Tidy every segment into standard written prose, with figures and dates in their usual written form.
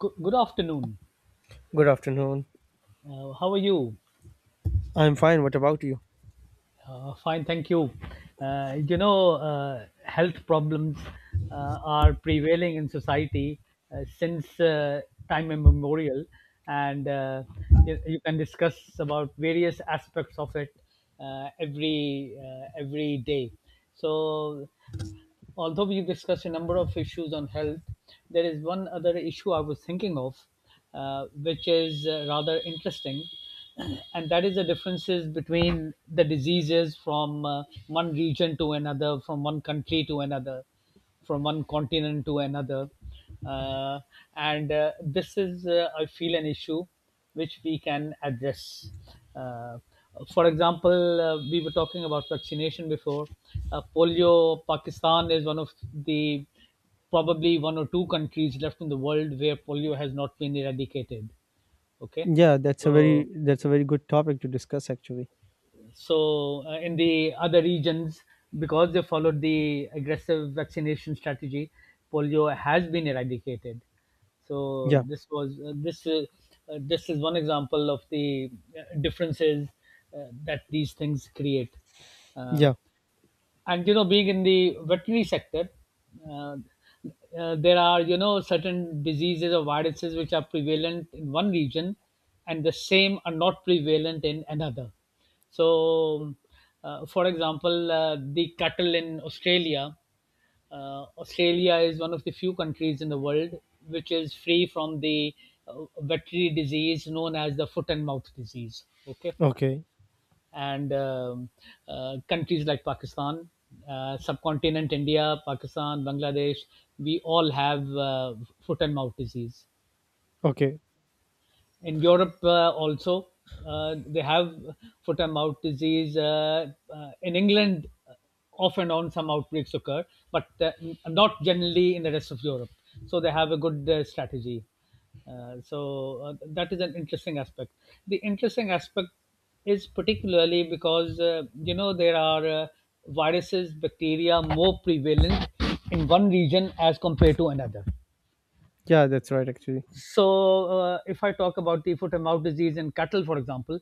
Good, good afternoon. Good afternoon. How are you? I'm fine. What about you? Fine, thank you. Health problems are prevailing in society since time immemorial, and you can discuss about various aspects of it every every day. So Although we've discussed a number of issues on health, there is one other issue I was thinking of, which is rather interesting, and that is the differences between the diseases from one region to another, from one country to another, from one continent to another. Uh, and This is, I feel, an issue which we can address. Uh, for example, we were talking about vaccination before. Polio, Pakistan is one of the probably one or two countries left in the world where polio has not been eradicated. Okay. Yeah, that's a very So, good topic to discuss actually. so in the other regions, because they followed the aggressive vaccination strategy, polio has been eradicated. So, Yeah. this was this this is one example of the differences that these things create. Uh, Yeah. and you know, being in the veterinary sector, uh, there are, you know, certain diseases or viruses which are prevalent in one region and the same are not prevalent in another. So uh, for example, the cattle in australia Australia is one of the few countries in the world which is free from the veterinary disease known as the foot and mouth disease. Okay, Okay. and countries like Pakistan, subcontinent, India, Pakistan, Bangladesh, we all have foot and mouth disease. Okay. In Europe also they have foot and mouth disease. In England, off and on some outbreaks occur, but not generally in the rest of Europe. So they have a good strategy. So that is an interesting aspect. The interesting aspect is particularly because you know, there are viruses, bacteria, more prevalent in one region as compared to another. Yeah, that's right actually. If I talk about the foot and mouth disease in cattle, for example,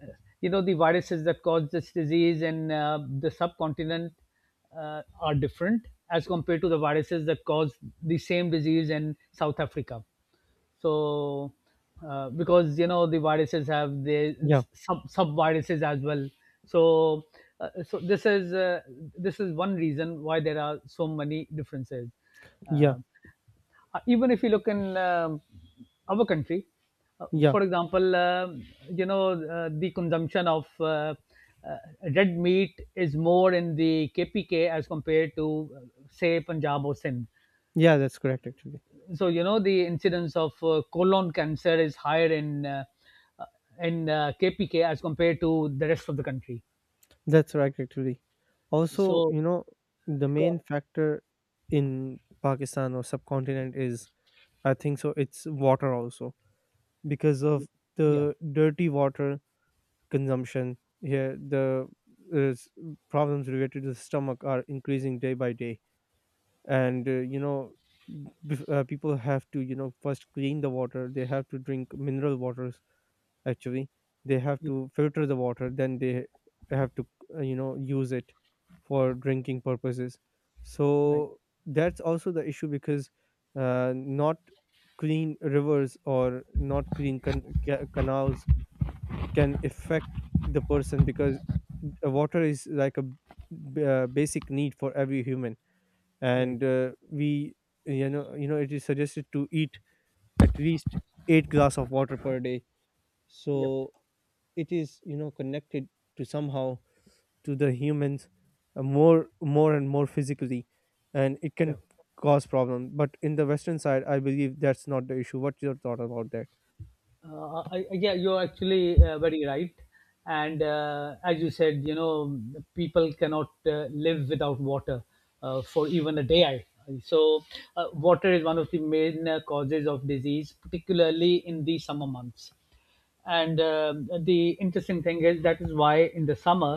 uh, you know, the viruses that cause this disease in the subcontinent are different as compared to the viruses that cause the same disease in South Africa. So, because you know, the viruses have the Yeah. sub viruses as well. So, uh, so this is uh, this is one reason why there are so many differences. Yeah. Uh, even if you look in our country, Yeah. for example, you know, the consumption of uh, red meat is more in the KPK as compared to, say, Punjab or Sindh. Yeah, that's correct actually. So, you know, the incidence of colon cancer is higher in uh, KPK as compared to the rest of the country. That's right actually. Also, So, you know, the main co- factor in Pakistan or subcontinent is I think so it's water also because of yeah, the dirty water consumption here, the uh, s- problems related to the stomach are increasing day by day, and you know people have to first clean the water. They have to drink mineral waters actually. They have yeah, to filter the water, then they have to use it for drinking purposes. right, So that's also the issue, because not clean rivers or not clean canals can affect the person, because water is like a basic need for every human, right, and we you know it is suggested to eat at least 8 glass of water per day. yep, So it is connected to somehow to the humans, more and more physically, and it yeah. can cause problem. But in the Western side, I believe that's not the issue. What's your thought about that? Yeah, you're actually very right. And as you said, you know, people cannot live without water for even a day. So, Water is one of the main causes of disease, particularly in the summer months. And the interesting thing is that is why in the summer,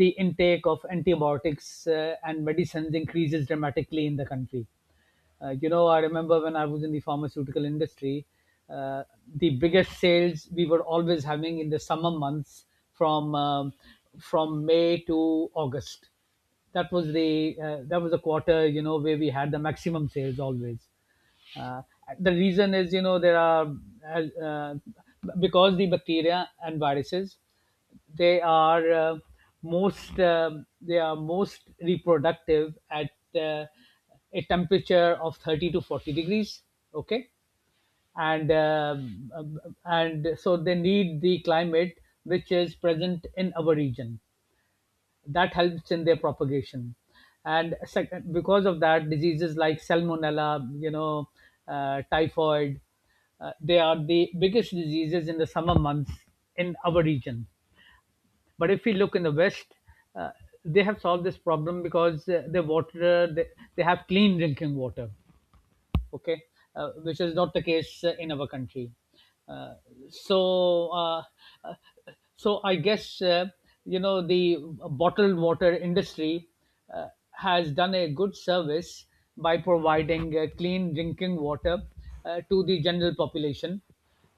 the intake of antibiotics and medicines increases dramatically in the country. You know, I remember when I was in the pharmaceutical industry, uh, the biggest sales we were always having in the summer months from um, from May to August. That was the quarter, you know, where we had the maximum sales always. Uh, the reason is, you know, there are uh, uh, because the bacteria and viruses, they are most they are most reproductive at uh, a temperature of 30 to 40 degrees. Okay, and um, um, and so they need the climate which is present in our region that helps in their propagation. And second, because of that, diseases like salmonella, you know, typhoid, they are the biggest diseases in the summer months in our region. But if we look in the west, uh, they have solved this problem because they have clean drinking water. Okay. Which is not the case in our country. Uh, so uh, uh, so i guess, you know, the bottled water industry has done a good service by providing clean drinking water to the general population,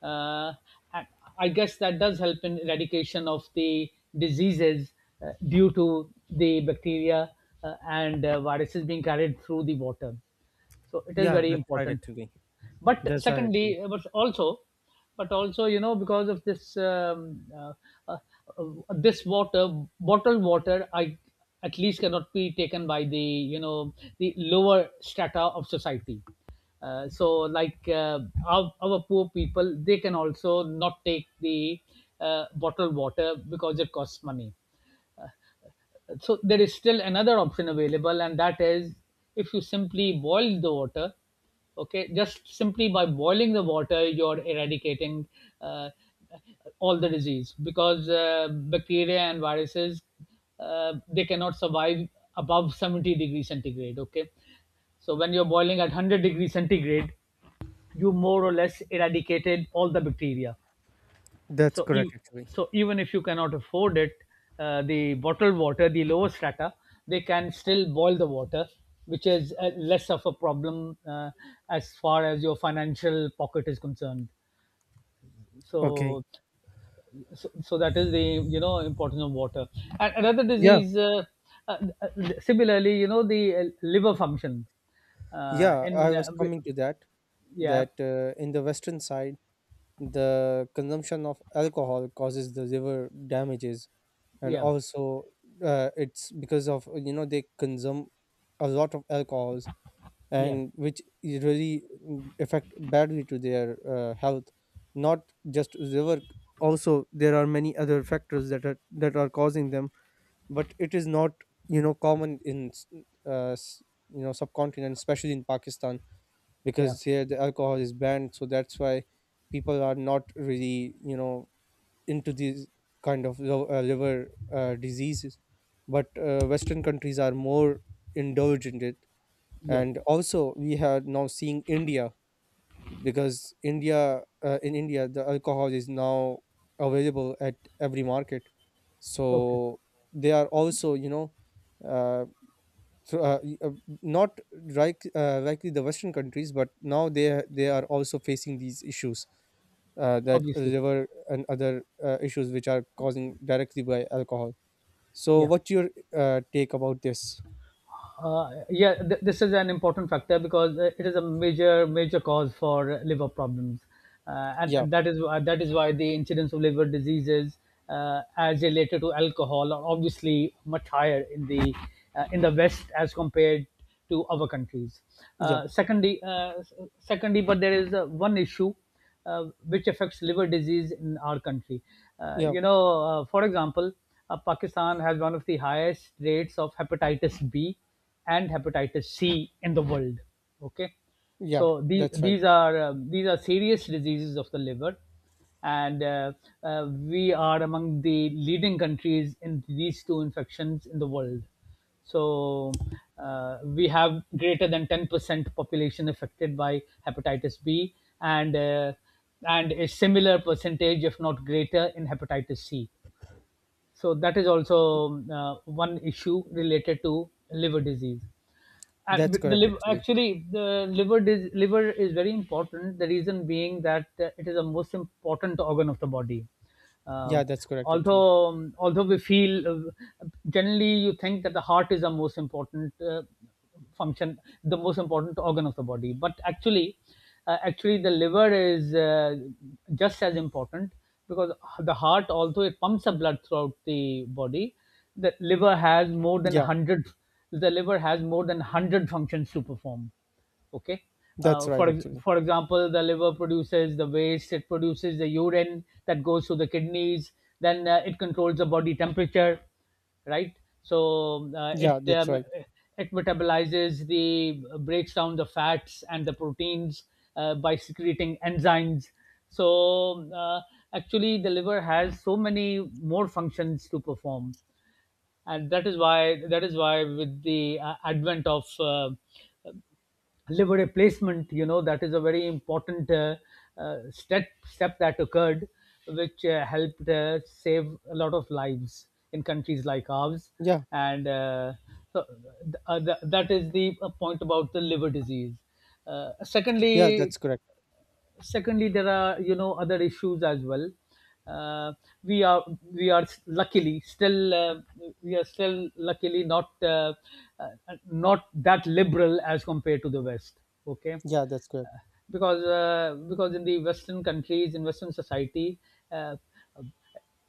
uh, and I guess that does help in eradication of the diseases due to the bacteria and viruses being carried through the water. So it is Yeah, very that's right important. actually. But That's right. secondly, but also but also, you know, because of this uh, uh, this water bottled water, I at least cannot be taken by the, you know, the lower strata of society. uh, so like uh, our poor people, they can also not take the bottled water because it costs money. So there is still another option available, and that is, if you simply boil the water. Okay, just simply by boiling the water, you're eradicating uh, all the disease, because bacteria and viruses, they cannot survive above 70 degrees centigrade. Okay. So when you're boiling at 100 degrees centigrade, you more or less eradicated all the bacteria. That's so correct, ev- actually. so even if you cannot afford it, the bottled water, the lower strata, they can still boil the water, which is less of a problem as far as your financial pocket is concerned. Okay. so so that is the, you know, importance of water. And another Yeah. disease, uh, uh, similarly, you know, the liver function uh, Yeah. in I was uh, b- coming to that, yeah, in the Western side, the consumption of alcohol causes the liver damages. And yeah, also, it's because of they consume a lot of alcohols, yeah, and which really affect badly to their health. Not just liver, also, there are many other factors that are causing them, but it is not common in uh, s- subcontinent, especially in Pakistan, yeah, because here the alcohol is banned, so that's why people are not really into these kind of liver diseases. But Western countries are more indulgent in it. yeah, And also we have now seeing India, because India in India the alcohol is now available at every market. okay, So they are also uh, thro- uh, y- uh, not likely the Western countries, but now they are also facing these issues, that obviously, liver and other issues which are causing directly by alcohol. So yeah. what's your take about this? Yeah, this is an important factor because it is a major cause for liver problems, Yeah, and that is why the incidence of liver diseases as related to alcohol are obviously much higher in the West as compared to other countries. yeah, Uh, secondly, uh, s- Secondly, but there is one issue which affects liver disease in our country. Yeah, You know, for example, Pakistan has one of the highest rates of hepatitis B and hepatitis C in the world. Okay, yeah. so That's right. These are serious diseases of the liver, and we are among the leading countries in these two infections in the world. So we have greater than 10% population affected by hepatitis B, and uh, and a similar percentage, if not greater, in hepatitis C. So that is also, one issue related to liver disease. And That's the correct liver, actually. actually, the liver is very important. The reason being that it is the most important organ of the body. Uh, Yeah, that's correct actually. although although we feel, generally you think that the heart is the most important function, the most important organ of the body, but actually, actually the liver is just as important, because the heart, although it pumps the blood throughout the body, the liver has more than Yeah. hundred the liver has more than 100 functions to perform. Okay. That's uh, right, for actually. for example, the liver produces the waste, it produces the urine that goes to the kidneys, then it controls the body temperature, right. so uh, it Yeah, that's um, right. it metabolizes the, breaks down the fats and the proteins by secreting enzymes. So, uh, actually the liver has so many more functions to perform. And that is why, with the advent of liver replacement, you know, that is a very important step that occurred, which helped save a lot of lives in countries like ours. Yeah, And uh, so, uh, th- that is the point about the liver disease. uh, yeah, secondly that's correct. Secondly, there are, you know, other issues as well. Uh, we are we are luckily still we are still luckily uh, not that liberal as compared to the west. Okay. Yeah, that's uh, correct. because uh, because in the western countries, in western society, uh,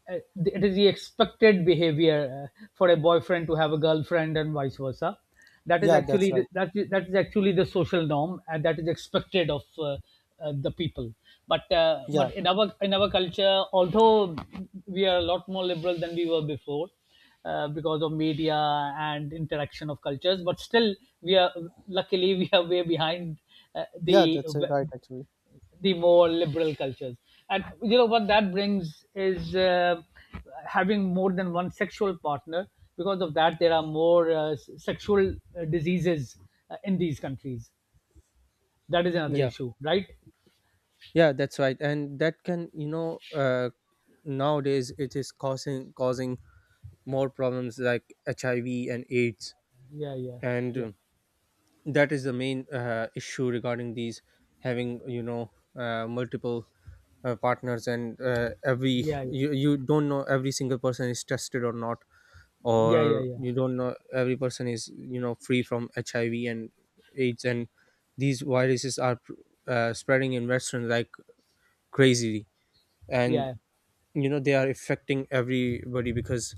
uh, it is the expected behavior for a boyfriend to have a girlfriend and vice versa. Yeah, that's right. That is actually the social norm, and that is expected of the people. But, Yeah. in our, in our culture, although we are a lot more liberal than we were before, because of media and interaction of cultures, but still we are, luckily we are way behind uh, Yeah, the that's right, actually. the more liberal cultures. And you know what that brings is, having more than one sexual partner. Because of that, there are more sexual diseases in these countries. That is another Yeah, issue, right? yeah, that's right. And that can, nowadays it is causing more problems like HIV and AIDS. Yeah, yeah, And. yeah, uh, that is the main issue regarding these, having multiple partners. And every yeah, yeah, you don't know every single person is tested or not, yeah, yeah, or yeah, you don't know every person is free from HIV and aids. And these viruses are spreading in Western like crazily. And yeah, they are affecting everybody, because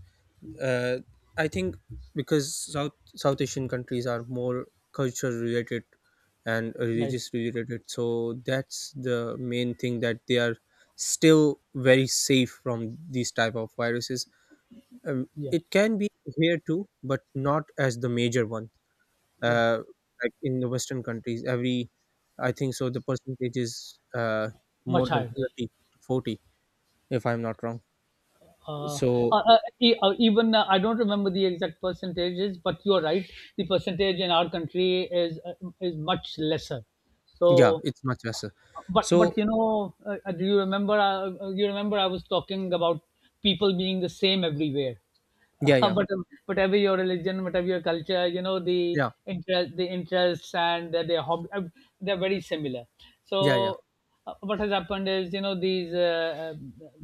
uh, I think because South Asian countries are more culture related and right, religious related, so that's the main thing that they are still very safe from these type of viruses. Yeah, It can be here too, but not as the major one. yeah, Uh, like in the Western countries, every I think so the percentage is more much than higher. Yeah. 30 to 40, if I'm not wrong. Uh, uh, So even I don't remember the exact percentages, but you are right. The percentage in our country is much lesser. yeah, So, it's much lesser. but So do you remember I was talking about people being the same everywhere yeah, yeah, but whatever your religion, whatever your culture, yeah, the interests and their hobby they're very similar. yeah, yeah, So what has happened is, you know these uh, uh,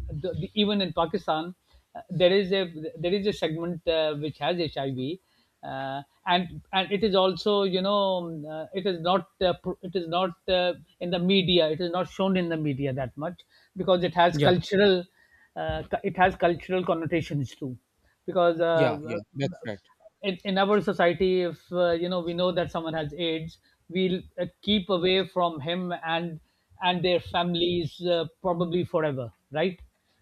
the, the, even in Pakistan there is a segment which has HIV , and it is also it is not pro- it is not in the media, it is not shown in the media that much, because it has yeah. cultural it has cultural connotations too, because Yeah, yeah, that's right. in our society, if we know that someone has AIDS, we'll keep away from him and their families, probably forever, right?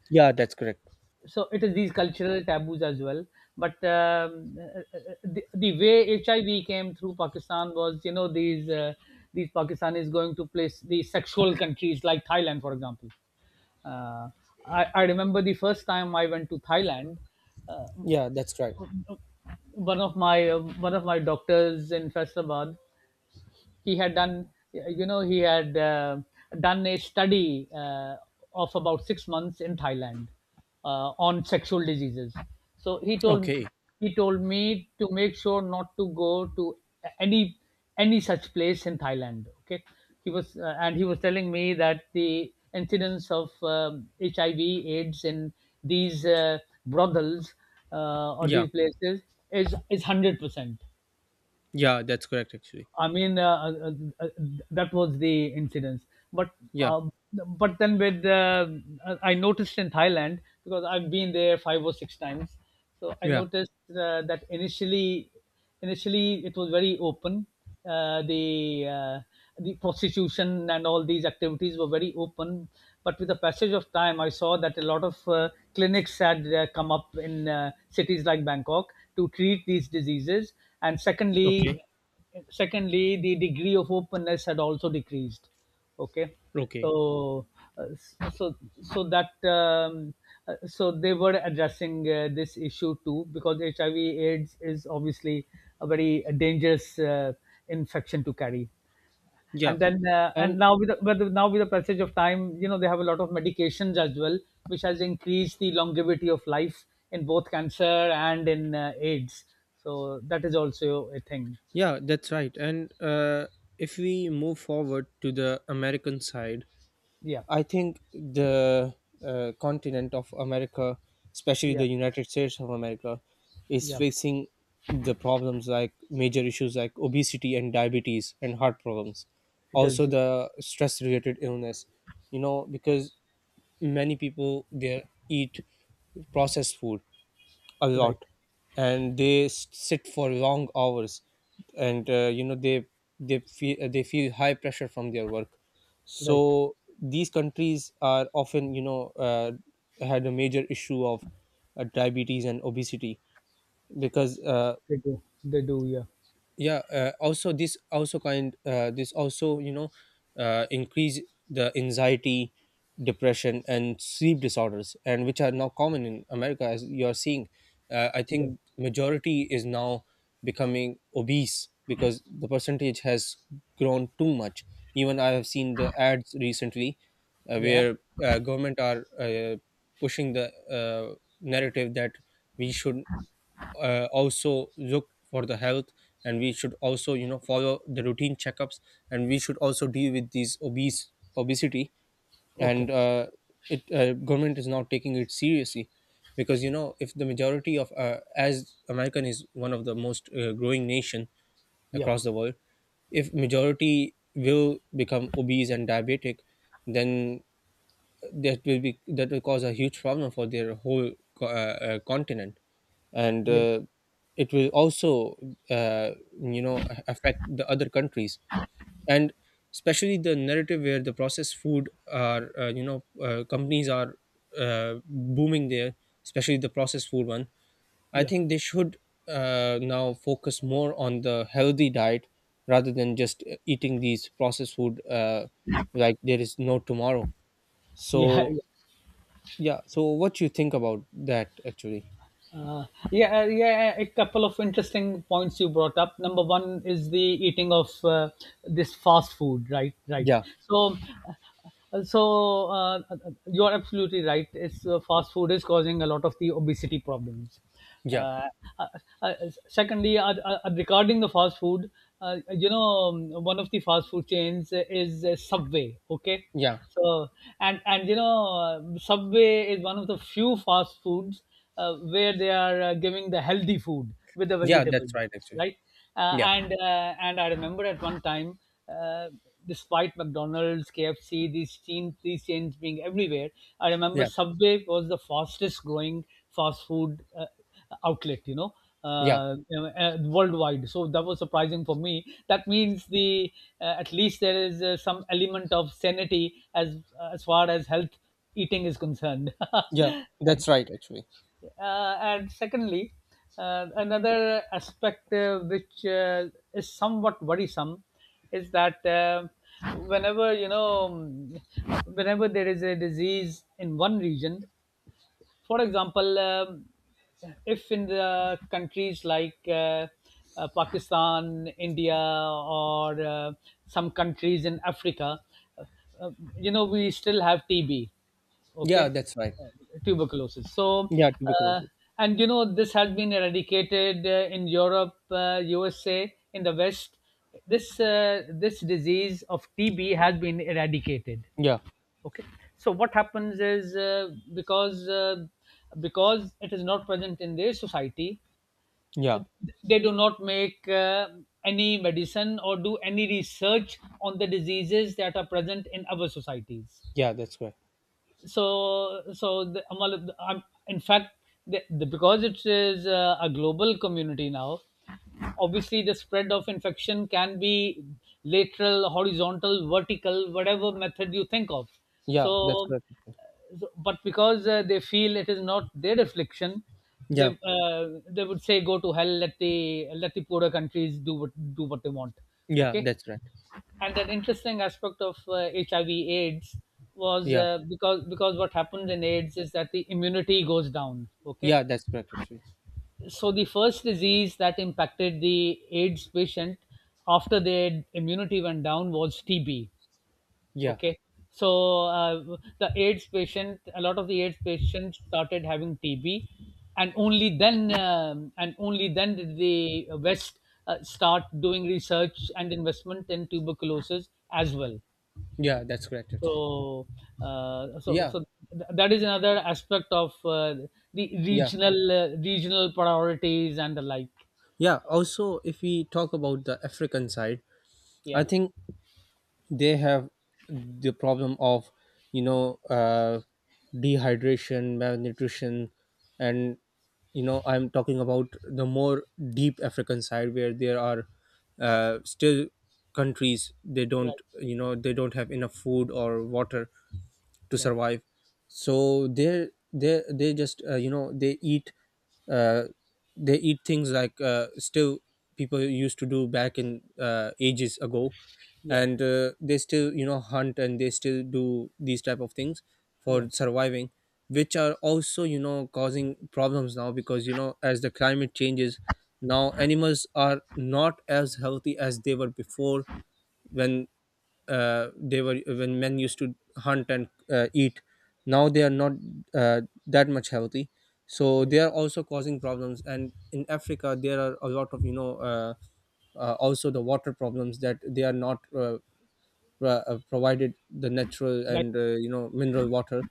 Yeah, that's correct. So it is these cultural taboos as well. But the way HIV came through Pakistan was, these Pakistanis going to place these sexual countries like Thailand, for example. uh, I remember the first time I went to Thailand. uh, Yeah, that's right. One of my doctors in Faisalabad, he had done, he had, done a study of about 6 months in Thailand on sexual diseases. So he told Okay. Me to make sure not to go to any any such place in Thailand. Okay, he was telling me that the incidence of HIV/AIDS in these brothels or Yeah, these places is 100%. yeah, that's correct actually. I mean, uh, that was the incidence. But Yeah, um, then with I noticed in Thailand, because I've been there five or six times, so I yeah. noticed that initially it was very open. Uh, the uh, the prostitution and all these activities were very open, but with the passage of time, I saw that a lot of clinics had come up in cities like Bangkok to treat these diseases. And Okay. secondly, the degree of openness had also decreased. Okay. Okay. So uh, so so that um, uh, so they were addressing this issue too, because hiv aids is obviously a very dangerous infection to carry. Yeah. And then And and now with the, But now with the passage of time, they have a lot of medications as well, which has increased the longevity of life in both cancer and in AIDS, so that is also a thing. yeah, that's right. And if we move forward to the American side, Yeah I think the continent of America, especially Yeah, the United States of America, is yeah, facing the problems like major issues like obesity and diabetes and heart problems. it Also, is. Yeah. the stress related illness, you know, because many people there eat processed food a Right, lot, and they sit for long hours, and they feel high pressure from their work. right. So these countries are often had a major issue of diabetes and obesity, because They do, they do. Yeah, yeah, also this also increase the anxiety, depression and sleep disorders, and which are now common in America as you are seeing. I yeah, think majority is now becoming obese because the percentage has grown too much. Even I have seen the ads recently, yeah. where government are pushing the narrative that we should also look for the health, and we should also follow the routine checkups, and we should also deal with these obese obesity. Okay. And it government is now taking it seriously, because if the majority of, as American is one of the most growing nation Yep. across the world, if majority will become obese and diabetic, then that will cause a huge problem for their whole continent. And Yep. It will also uh, affect the other countries, and especially the narrative where the processed food are, companies are booming there, especially the processed food one. I Yep. think they should now focus more on the healthy diet, rather than just eating these processed food, like there is no tomorrow. So Yeah. Yeah. yeah. So what you think about that actually? Yeah, yeah. A couple of interesting points you brought up. Number one is the eating of this fast food, right? Right. Yeah. So, so, you are absolutely right. It's Fast food is causing a lot of the obesity problems. Yeah. Uh, uh, uh, Secondly, regarding the fast food, one of the fast food chains is Subway. Okay. Yeah. So, Subway is one of the few fast foods where they are giving the healthy food with the Yeah, that's vegetables, right actually. right? Uh, Yeah. and uh, and I remember at one time, uh, despite McDonald's, KFC, these chains being everywhere, I remember Yeah. Subway was the fastest growing fast food outlet, Yeah. Worldwide. So that was surprising for me. That means, the at least there is some element of sanity as far as health eating is concerned. Yeah. And, That's right actually. and secondly, another aspect which is somewhat worrisome is that, whenever you know, um, whenever there is a disease in one region, for example, if in the countries like Pakistan, India, or some countries in Africa, uh, uh, we still have TB, Yeah, okay, that's right. uh, tuberculosis. Yeah, to be uh, closer. This has been eradicated in Europe, USA, in the West. This this disease of TB has been eradicated. Yeah. Okay. So what happens is, because it is not present in their society, uh, Yeah. they do not make any medicine or do any research on the diseases that are present in our societies. Yeah, that's right. So, in fact, because it is a global community now, obviously the spread of infection can be lateral, horizontal, vertical, whatever method you think of. Yeah, that's so correct. so, but because they feel it is not their affliction, they Yeah. uh, they would say, go to hell. Let the poorer countries do what they want. Yeah, Okay. that's right. And an interesting aspect of HIV/AIDS was, Yeah. Because what happens in AIDS is that the immunity goes down. Okay. Yeah, that's correct actually. So the first disease that impacted the AIDS patient after their immunity went down was TB. Yeah. Okay. So the AIDS patient, a lot of the AIDS patients started having TB, and only then did the West start doing research and investment in tuberculosis as well. Yeah, that's correct actually. So, uh, so, Yeah. so that is another aspect of the Yeah. regional priorities and the like. Yeah. Also if we talk about the African side, I Yeah. think they have the problem of, you know uh, dehydration, malnutrition, and I'm talking about the more deep African side, where there are, still countries they Right. don't, they don't have enough food or water to Right. survive. So they just, uh, they eat things like, still people used to do back in, ages ago. Yeah. And they still hunt, and they still do these type of things Yeah. for surviving, which are also causing problems now, because as the climate changes, now animals are not as healthy as they were before, when they were when men used to hunt and eat. Now they are not that much healthy. So Right. they are also causing problems. And in Africa there are a lot of, also the water problems, that they are not, provided the natural Right. and, mineral water.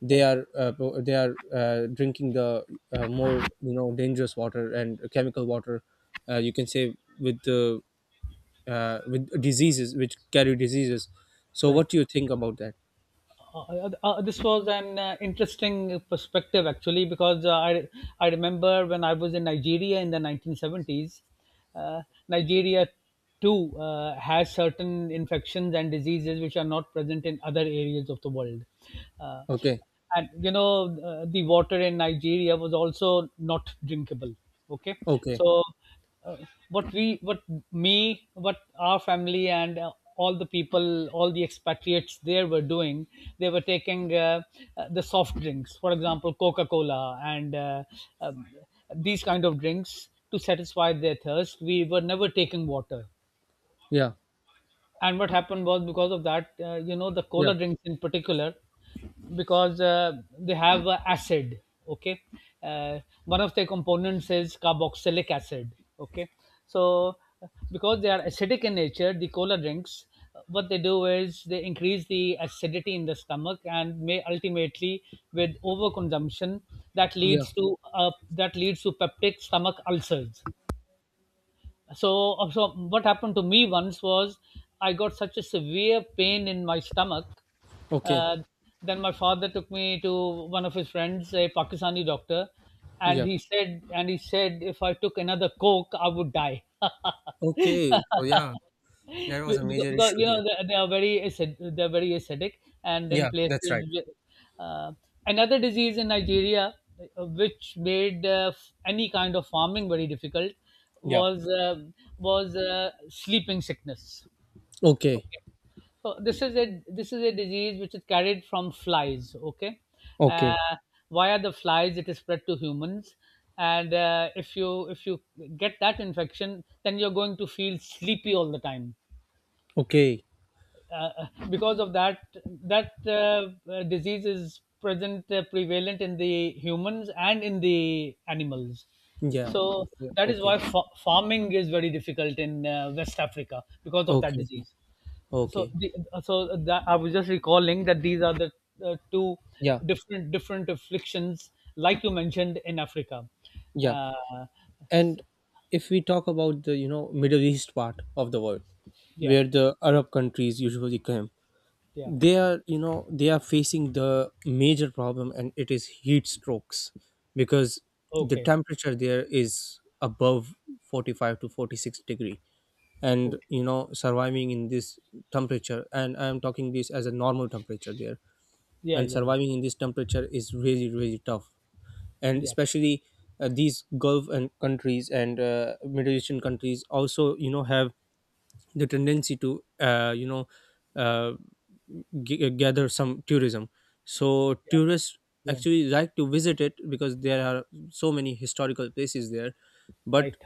They Right. are pro- they are drinking the more dangerous water and chemical water, you can say, with the with diseases which carry diseases. So what Right. do you think about that? This was an interesting perspective actually, because I remember when I was in Nigeria in the 1970s. uh, Nigeria too has certain infections and diseases which are not present in other areas of the world. Uh, Okay. and the water in Nigeria was also not drinkable. Okay, Okay. so uh, what we what what our family and all the people, all the expatriates there were doing, they were taking the soft drinks, for example Coca-Cola and um, these kind of drinks to satisfy their thirst. We were never taking water. Yeah. And what happened was, because of that, the Yeah. cola drinks in particular, because they have acid. Okay. uh, One of their components is carboxylic acid. Okay. So because they are acidic in nature, the cola drinks, what they do is they increase the acidity in the stomach and may ultimately, with overconsumption, that Yeah. leads to uh, that leads to peptic stomach ulcers. So so what happened to me once was, I got such a severe pain in my stomach. Okay. uh, then my father took me to one of his friends, a Pakistani doctor, Yeah. And he said, if I took another coke I would die. Okay. So yeah, Be- that was a because, major because issue there. They are very acid, they're very acidic. And in Yeah, that's right. places wi- uh, Another disease in Nigeria which made any kind of farming very difficult Yeah. was uh, was sleeping sickness. Okay. Okay. So, this is a disease which is carried from flies. Okay. uh, Okay. Via the flies it is spread to humans, and if you get that infection, then you're going to feel sleepy all the time. Okay. Because of that, that disease is present, prevalent in the humans and in the animals. Yeah, So yeah. that is Okay. why farming is very difficult in West Africa, because of that Okay. Okay. disease. Okay. so the, so that, I was just recalling that these are the two Yeah, different afflictions, like you mentioned, in Africa. yeah. uh, And if we talk about the, Middle East part of the world, yeah, where the Arab countries usually came, yeah. they are facing the major problem, and it is heat strokes, because the Okay, temperature there is above 45 to 46 degree. okay. And surviving in this temperature, and I am talking this as a normal temperature there, Yeah, and yeah, yeah, surviving in this temperature is really really tough. And yeah, especially, these Gulf and countries, and, Middle Eastern countries also, have the tendency to, uh, gather some tourism. So yeah, tourists yeah. actually like to visit it, because there are so many historical places there. But Right.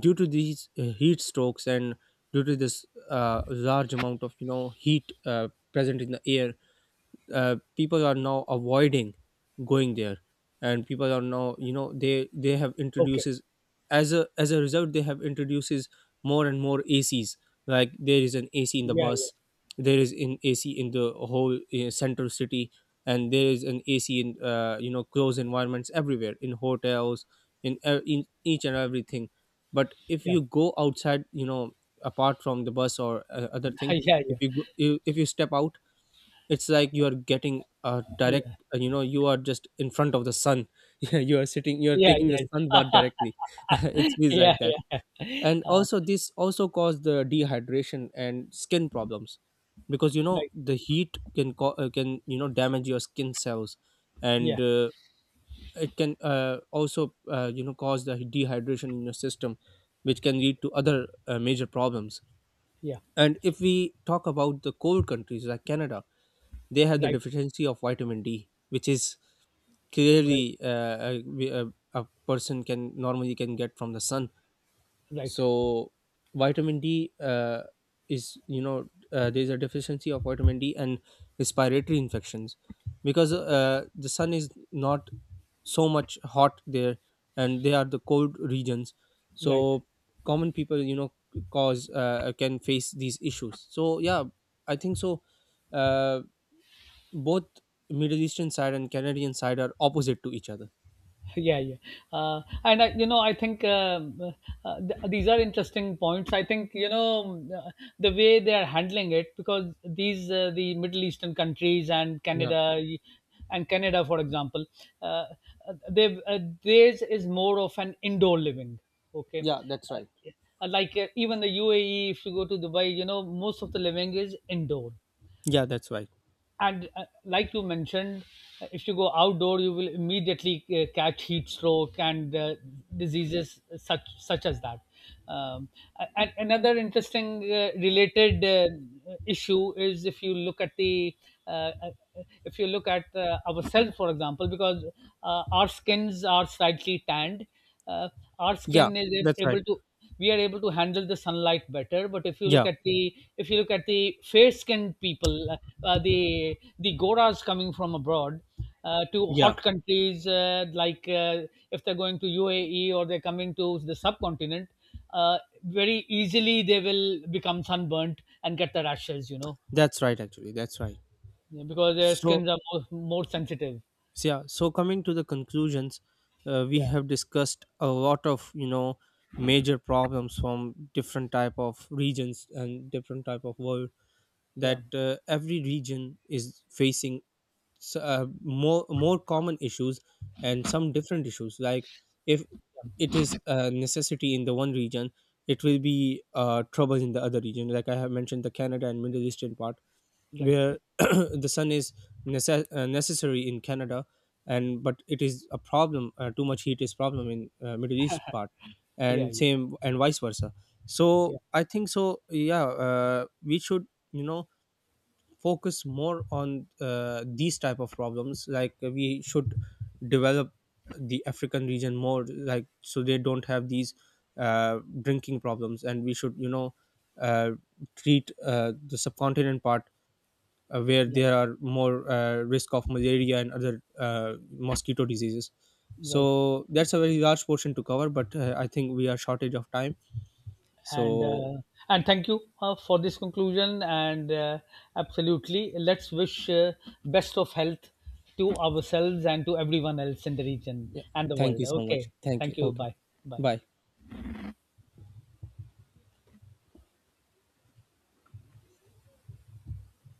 due to these heat strokes, and due to this large amount of, heat present in the air, people are now avoiding going there. And people are now, they have Okay. introduces, as a result, they have introduces more and more ACs. Like there is an AC in the Yeah, yeah, bus, there is an ac in the whole central city, and there is an ac in, closed environments everywhere, in hotels, in each and everything. But if yeah, you go outside, apart from the bus, or other thing, yeah, if yeah, you, go, you if you step out, it's like you are getting a direct, you are just in front of the sun. Yeah, you are sitting you are yeah, taking the sun bath directly, it yeah, feels yeah, like that. yeah, yeah, And also this also cause the dehydration and skin problems, because right, the heat can, can damage your skin cells. And yeah, it can also, cause the dehydration in your system, which can lead to other major problems. yeah, And if we talk about the cold countries like Canada, they have the right, deficiency of vitamin D, which is clearly, a, we- a, a person can normally can get from the sun. right, So vitamin D, is you know there is a deficiency of vitamin D and respiratory infections, because the sun is not so much hot there, and they are the cold regions. right, right. So common people, you know cause can face these issues. So yeah, I think so. Uh, Both Middle Eastern side and Canadian side are opposite to each other. Yeah, yeah. And, I, you know I think, these are interesting points. I think, the way they are handling it, because these the Middle Eastern countries and Yeah. Canada, for example, uh, they, theirs is more of an indoor living. Okay. Yeah, that's right. Like, even the UAE, if you go to Dubai, you know, most of the living is indoor. Yeah, that's right. And like you mentioned, if you go outdoor you will immediately catch heat stroke and diseases such as that. Um, a- and another interesting related issue is, if you look at the uh, uh, if you look at ourselves, for example, because our skins are slightly tanned. uh, our Yeah, skin is that's right. able to, we are able to handle the sunlight better. But if you look Yeah, at the if you look at the fair skinned people, the goras coming from abroad to yeah, hot countries, like, if they're going to UAE or they're coming to the subcontinent, uh, very easily they will become sunburnt and get the rashes, you know, that's right. Actually, that's right. because their So, skins are more sensitive. so yeah. So coming to the conclusions, we Yeah, have discussed a lot of, major problems from different type of regions and different type of world, yeah. that every region is facing, more common issues, and some different issues. Like if it is a necessity in the one region, it will be trouble in the other region, like I have mentioned the Canada and Middle Eastern part, Right. where the sun is necessary in Canada, and but it is a problem, too much heat is problem in Middle East part, Yeah, and yeah, same and vice versa. So yeah. I think so yeah, we should, you know focus more on these type of problems. Like we should develop the African region more, like so they don't have these uh, drinking problems. And we should, uh, treat the subcontinent part, where Right. there are more risk of malaria, and other mosquito diseases. Right. So that's a very large portion to cover, but I think we are shortage of time. and So uh, and thank you for this conclusion. And absolutely, let's wish best of health to ourselves and to everyone else in the region yeah, and the thank world. you so much. Okay, Thank you. thank you. Okay. Bye, bye. Bye.